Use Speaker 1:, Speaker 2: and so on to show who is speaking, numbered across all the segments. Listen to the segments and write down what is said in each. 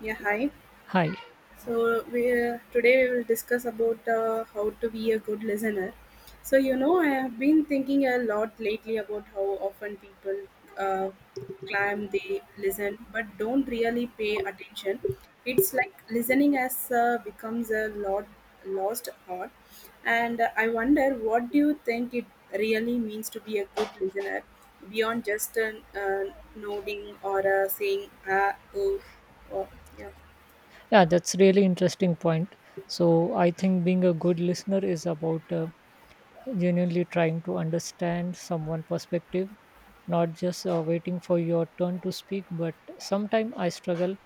Speaker 1: Yeah, hi.
Speaker 2: Hi.
Speaker 1: So we today we will discuss about how to be a good listener. So you know, I have been thinking a lot lately about how often people uh, claim they listen but don't really pay attention. It's like listening has becomes a lot lost art, and I wonder what do you think it really means to be a good listener beyond just nodding or saying ah oh, oh yeah.
Speaker 2: Yeah, that's really interesting point. So I think being a good listener is about genuinely trying to understand someone' perspective, not just waiting for your turn to speak. But sometimes I struggle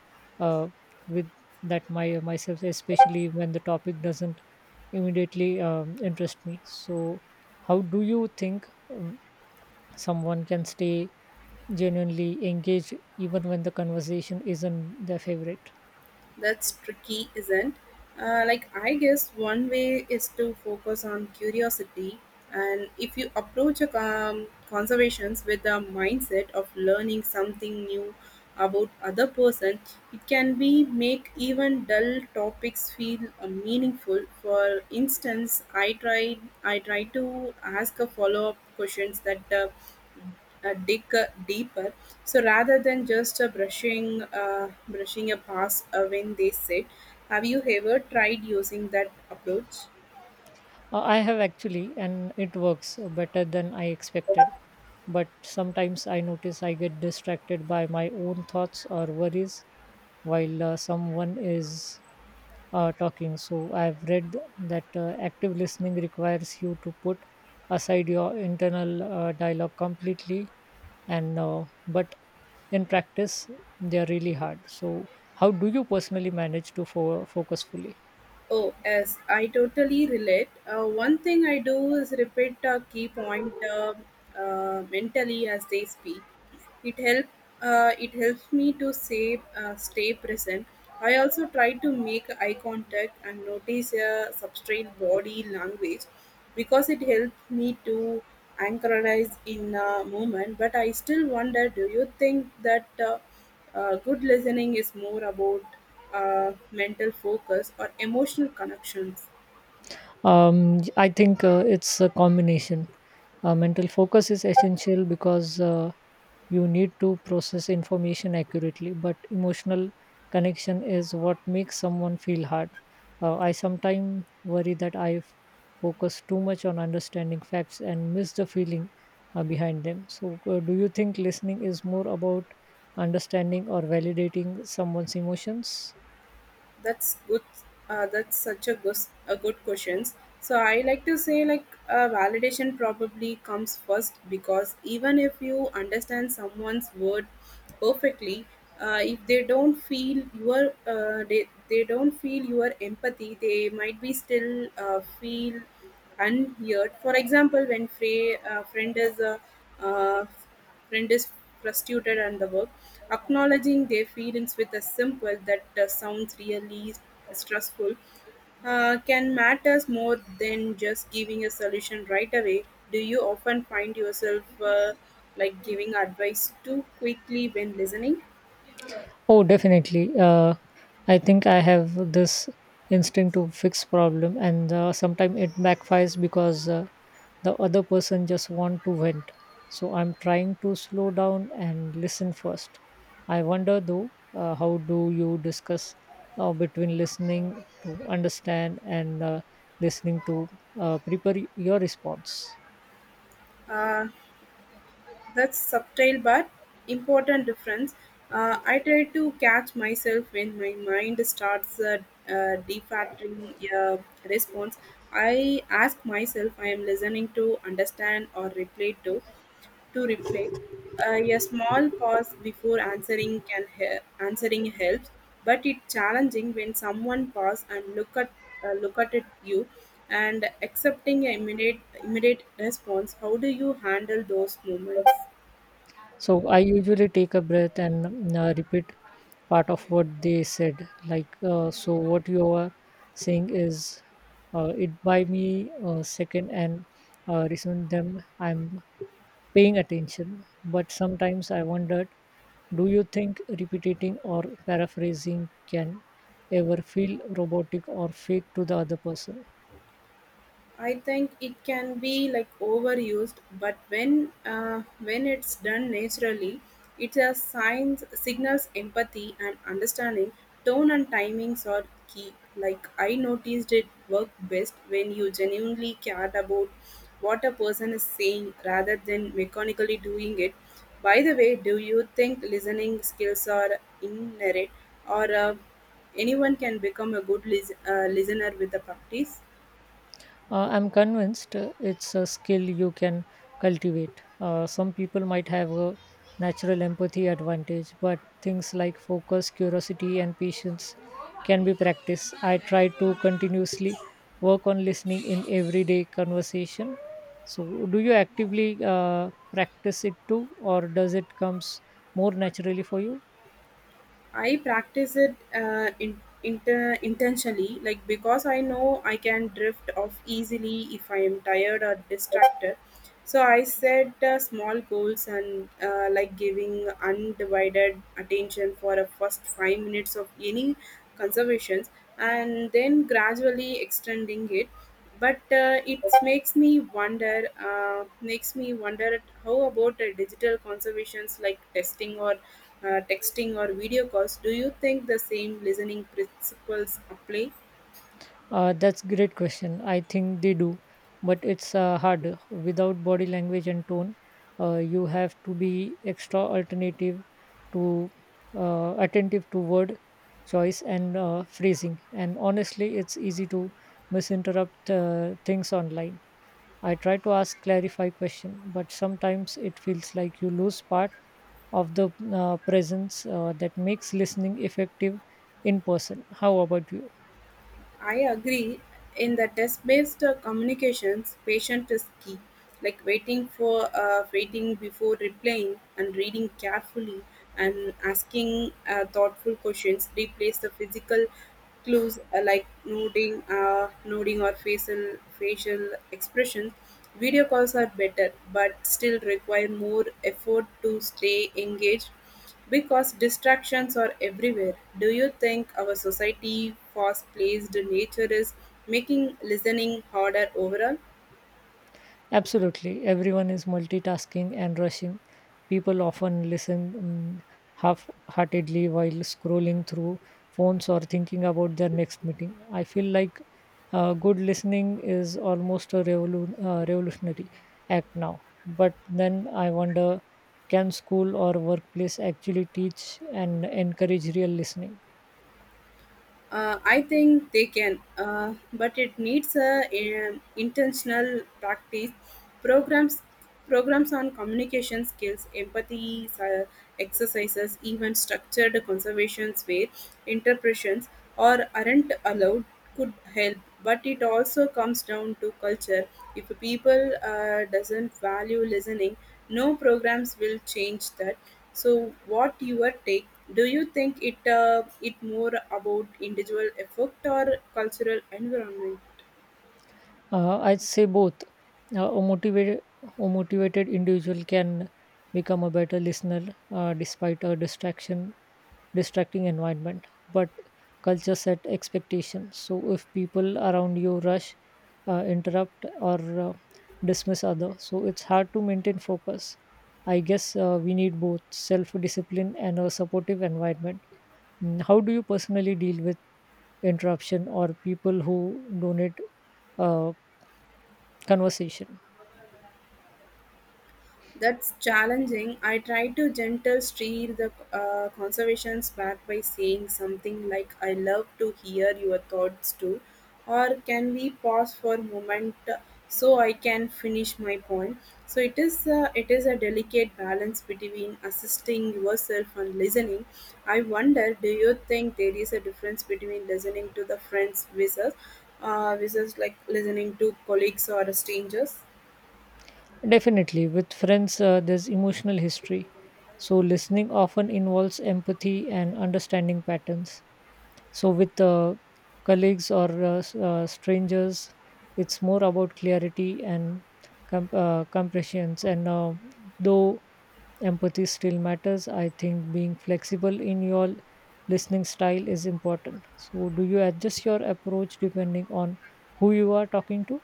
Speaker 2: uh, with that my myself, especially when the topic doesn't immediately interest me. So how do you think someone can stay genuinely engaged even when the conversation isn't their favorite?
Speaker 1: That's tricky, isn't? Like I guess one way is to focus on curiosity, and if you approach a conservations with a mindset of learning something new about other person, it can be make even dull topics feel meaningful. For instance, I try to ask a follow up questions that dig deeper. So rather than just brushing a pass when they sit, have you ever tried using that approach?
Speaker 2: I have actually, and it works better than I expected. But sometimes I notice I get distracted by my own thoughts or worries while someone is talking. So I've read that active listening requires you to put aside your internal dialogue completely, and but in practice they are really hard. So how do you personally manage to focus fully?
Speaker 1: Oh, yes, I totally relate. One thing I do is repeat a key point mentally as they speak. It help it helps me to say stay present. I also try to make eye contact and notice a substrate body language because it helps me to anchorize in a moment. But I still wonder: do you think that? Good listening is more about mental focus or emotional connections.
Speaker 2: I think it's a combination. Mental focus is essential because you need to process information accurately, but emotional connection is what makes someone feel hard. I sometimes worry that focus too much on understanding facts and miss the feeling behind them. So, do you think listening is more about understanding or validating someone's emotions?
Speaker 1: That's good. That's such a good question. So I like to say, validation probably comes first because even if you understand someone's word perfectly, if they don't feel your they don't feel your empathy, they might be still feel unheard. For example, when fray, friend is uh, Friend is frustrated and the work, acknowledging their feelings with a simple that sounds really stressful can matters more than just giving a solution right away. Do you often find yourself like giving advice too quickly when listening?
Speaker 2: Oh, definitely. I think I have this instinct to fix problem, and sometimes it backfires because the other person just want to vent. So I'm trying to slow down and listen first. I wonder though, how do you discuss between listening to understand and listening to prepare your response?
Speaker 1: Uh, That's subtle but important difference. I try to catch myself when my mind starts defaulting response. I ask myself, I am listening to understand or reply to reply. A small pause before answering helps, but it's challenging when someone pause and look at it you and accepting an immediate response. How do you handle those moments?
Speaker 2: So I usually take a breath and repeat part of what they said. Like, so what you are saying is, it buy me a second and reason them. I'm paying attention, but sometimes I wondered, do you think repeating or paraphrasing can ever feel robotic or fake to the other person?
Speaker 1: I think it can be like overused, but when it's done naturally, it signals empathy and understanding. Tone and timings are key. Like I noticed it worked best when you genuinely cared about what a person is saying rather than mechanically doing it. By the way, do you think listening skills are inherent, or anyone can become a good listener with the practice?
Speaker 2: I'm convinced it's a skill you can cultivate. Some people might have a natural empathy advantage, but things like focus, curiosity, and patience can be practiced. I try to continuously work on listening in everyday conversation. So, do you actively practice it too, or does it comes more naturally for you?
Speaker 1: I practice it intentionally, like because I know I can drift off easily if I am tired or distracted. So I set small goals and like giving undivided attention for a first 5 minutes of any conservations, and then gradually extending it. But it makes me wonder at how about digital conservations like testing or texting or video calls, do you think the same listening principles apply?
Speaker 2: That's great question. I think they do, but it's hard without body language and tone. You have to be extra alternative to attentive to word choice and phrasing. And honestly, it's easy to misinterrupt things online. I try to ask clarify question, but sometimes it feels like you lose part of the presence that makes listening effective in person. How about you?
Speaker 1: I agree. In the test-based communications, patient is key. Like waiting before replying, and reading carefully, and asking thoughtful questions replace the physical clues like nodding or facial expressions. Video calls are better, but still require more effort to stay engaged. Because distractions are everywhere, do you think our society fast-paced nature is making listening harder overall?
Speaker 2: Absolutely. Everyone is multitasking and rushing. People often listen half heartedly while scrolling through phones or thinking about their next meeting. I feel like good listening is almost a revolutionary act now. But then I wonder can school or workplace actually teach and encourage real listening?
Speaker 1: I think they can, but it needs intentional practice. Programs, programs on communication skills, empathy exercises, even structured conversations where interpretations or aren't allowed could help, but it also comes down to culture. If people doesn't value listening, no programs will change that. So what your take, do you think it it more about individual effort or cultural environment?
Speaker 2: I'd say both. A motivated individual can become a better listener despite a distraction, distracting environment. But culture set expectations. So if people around you rush, interrupt, or dismiss others, so it's hard to maintain focus. I guess we need both self-discipline and a supportive environment. How do you personally deal with interruption or people who donate uh, conversation?
Speaker 1: That's challenging. I try to gentle steer the conversations back by saying something like, I love to hear your thoughts too, or can we pause for a moment so I can finish my point? So it is a delicate balance between assisting yourself and listening. I wonder, do you think there is a difference between listening to the friends versus versus like listening to colleagues or strangers?
Speaker 2: Definitely, with friends, there's emotional history. So, listening often involves empathy and understanding patterns. So, with colleagues or strangers, it's more about clarity and compressions. And though empathy still matters, I think being flexible in your listening style is important. So, do you adjust your approach depending on who you are talking to?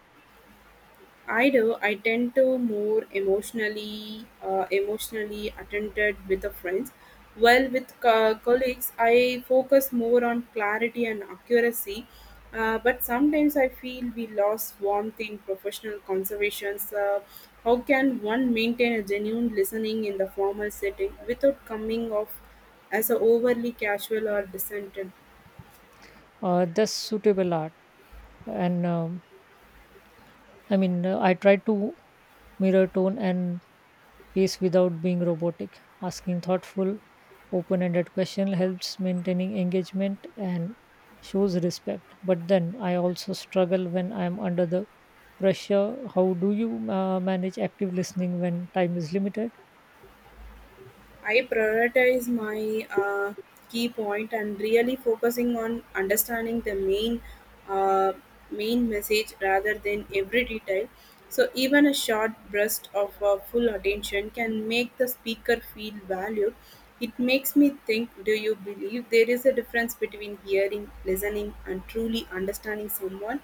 Speaker 1: I do. I tend to more emotionally attended with the friends. While with colleagues, I focus more on clarity and accuracy. But sometimes I feel we lost warmth in professional conversations. How can one maintain a genuine listening in the formal setting without coming off as a overly casual or distant?
Speaker 2: That's suitable art and I try to mirror tone and pace without being robotic. Asking thoughtful, open ended question helps maintaining engagement and shows respect. But then I also struggle when I'm under the pressure. How do you manage active listening when time is limited?
Speaker 1: I prioritize my key point and really focusing on understanding the uh, main message rather than every detail. So even a short burst of full attention can make the speaker feel valued. It makes me think, do you believe there is a difference between hearing, listening and truly understanding someone?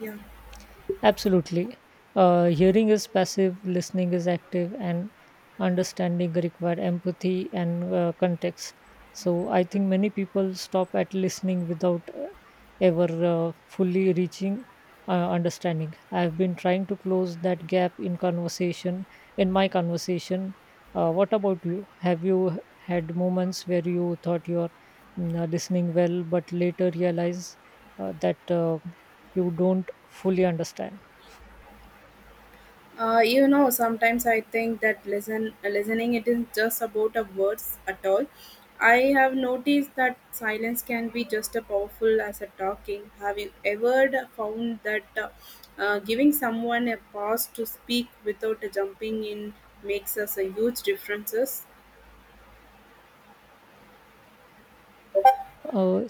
Speaker 1: Yeah.
Speaker 2: Absolutely. Hearing is passive, listening is active, and understanding require empathy and context. So I think many people stop at listening without ever fully reaching understanding. I've been trying to close that gap in conversation, in my conversation. What about you? Have you had moments where you thought you're listening well, but later realize that you don't fully understand?
Speaker 1: You know, sometimes I think that listening it is just about a words at all. I have noticed that silence can be just as powerful as a talking. Have you ever found that giving someone a pause to speak without jumping in makes us a huge differences?
Speaker 2: Uh,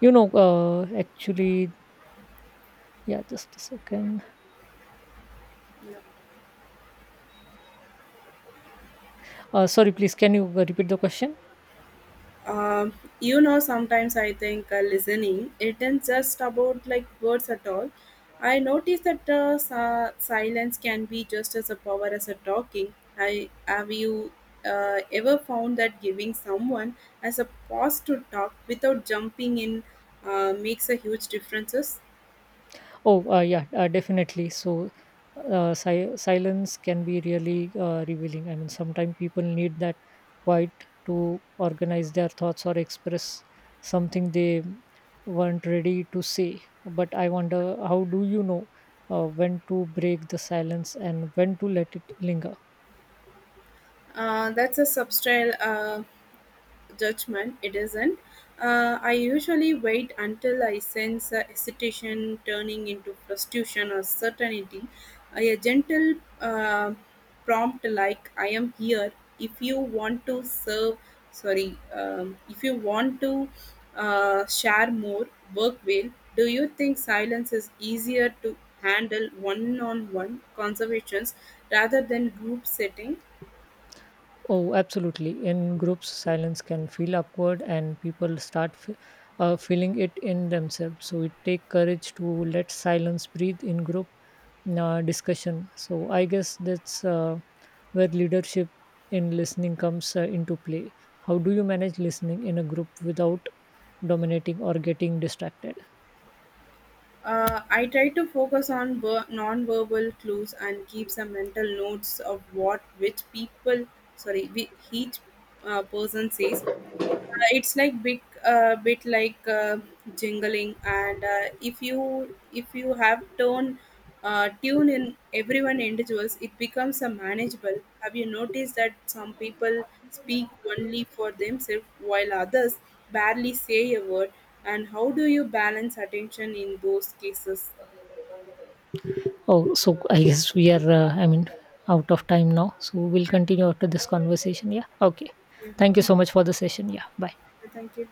Speaker 2: you know, actually, yeah, just a second.
Speaker 1: No.
Speaker 2: Sorry, please, can you repeat the question?
Speaker 1: Um, you know, sometimes I think listening isn't just about like words at all. I notice that silence can be just as a power as a talking. I have you ever found that giving someone as a pause to talk without jumping in makes a huge differences.
Speaker 2: Oh, yeah, definitely. So, silence can be really revealing. I mean, sometimes people need that quiet to organize their thoughts or express something they weren't ready to say. But I wonder, how do you know when to break the silence and when to let it linger?
Speaker 1: That's a subtle judgment, it isn't. I usually wait until I sense a hesitation turning into frustration or certainty. A gentle uh, prompt like "I am here if you want to serve." Sorry, if you want to share more, work well. Do you think silence is easier to handle one-on-one conversations rather than group setting?
Speaker 2: Oh, absolutely. In groups, silence can feel awkward, and people start feeling it in themselves. So it take courage to let silence breathe in group discussion. So I guess that's where leadership in listening comes into play. How do you manage listening in a group without dominating or getting distracted?
Speaker 1: I try to focus on non-verbal clues and keep some mental notes of what which people, sorry, whi- each person says. It's like big bit like jingling, and if you have tone tune in everyone individuals, it becomes a manageable. Have you noticed that some people speak only for themselves while others barely say a word, and how do you balance attention in those cases?
Speaker 2: Oh, so I guess we are. Out of time now. So we'll continue after this conversation. Yeah. Okay.
Speaker 1: yeah
Speaker 2: Thank you
Speaker 1: thank,
Speaker 2: so much for the session. Yeah. Bye.
Speaker 1: Thank you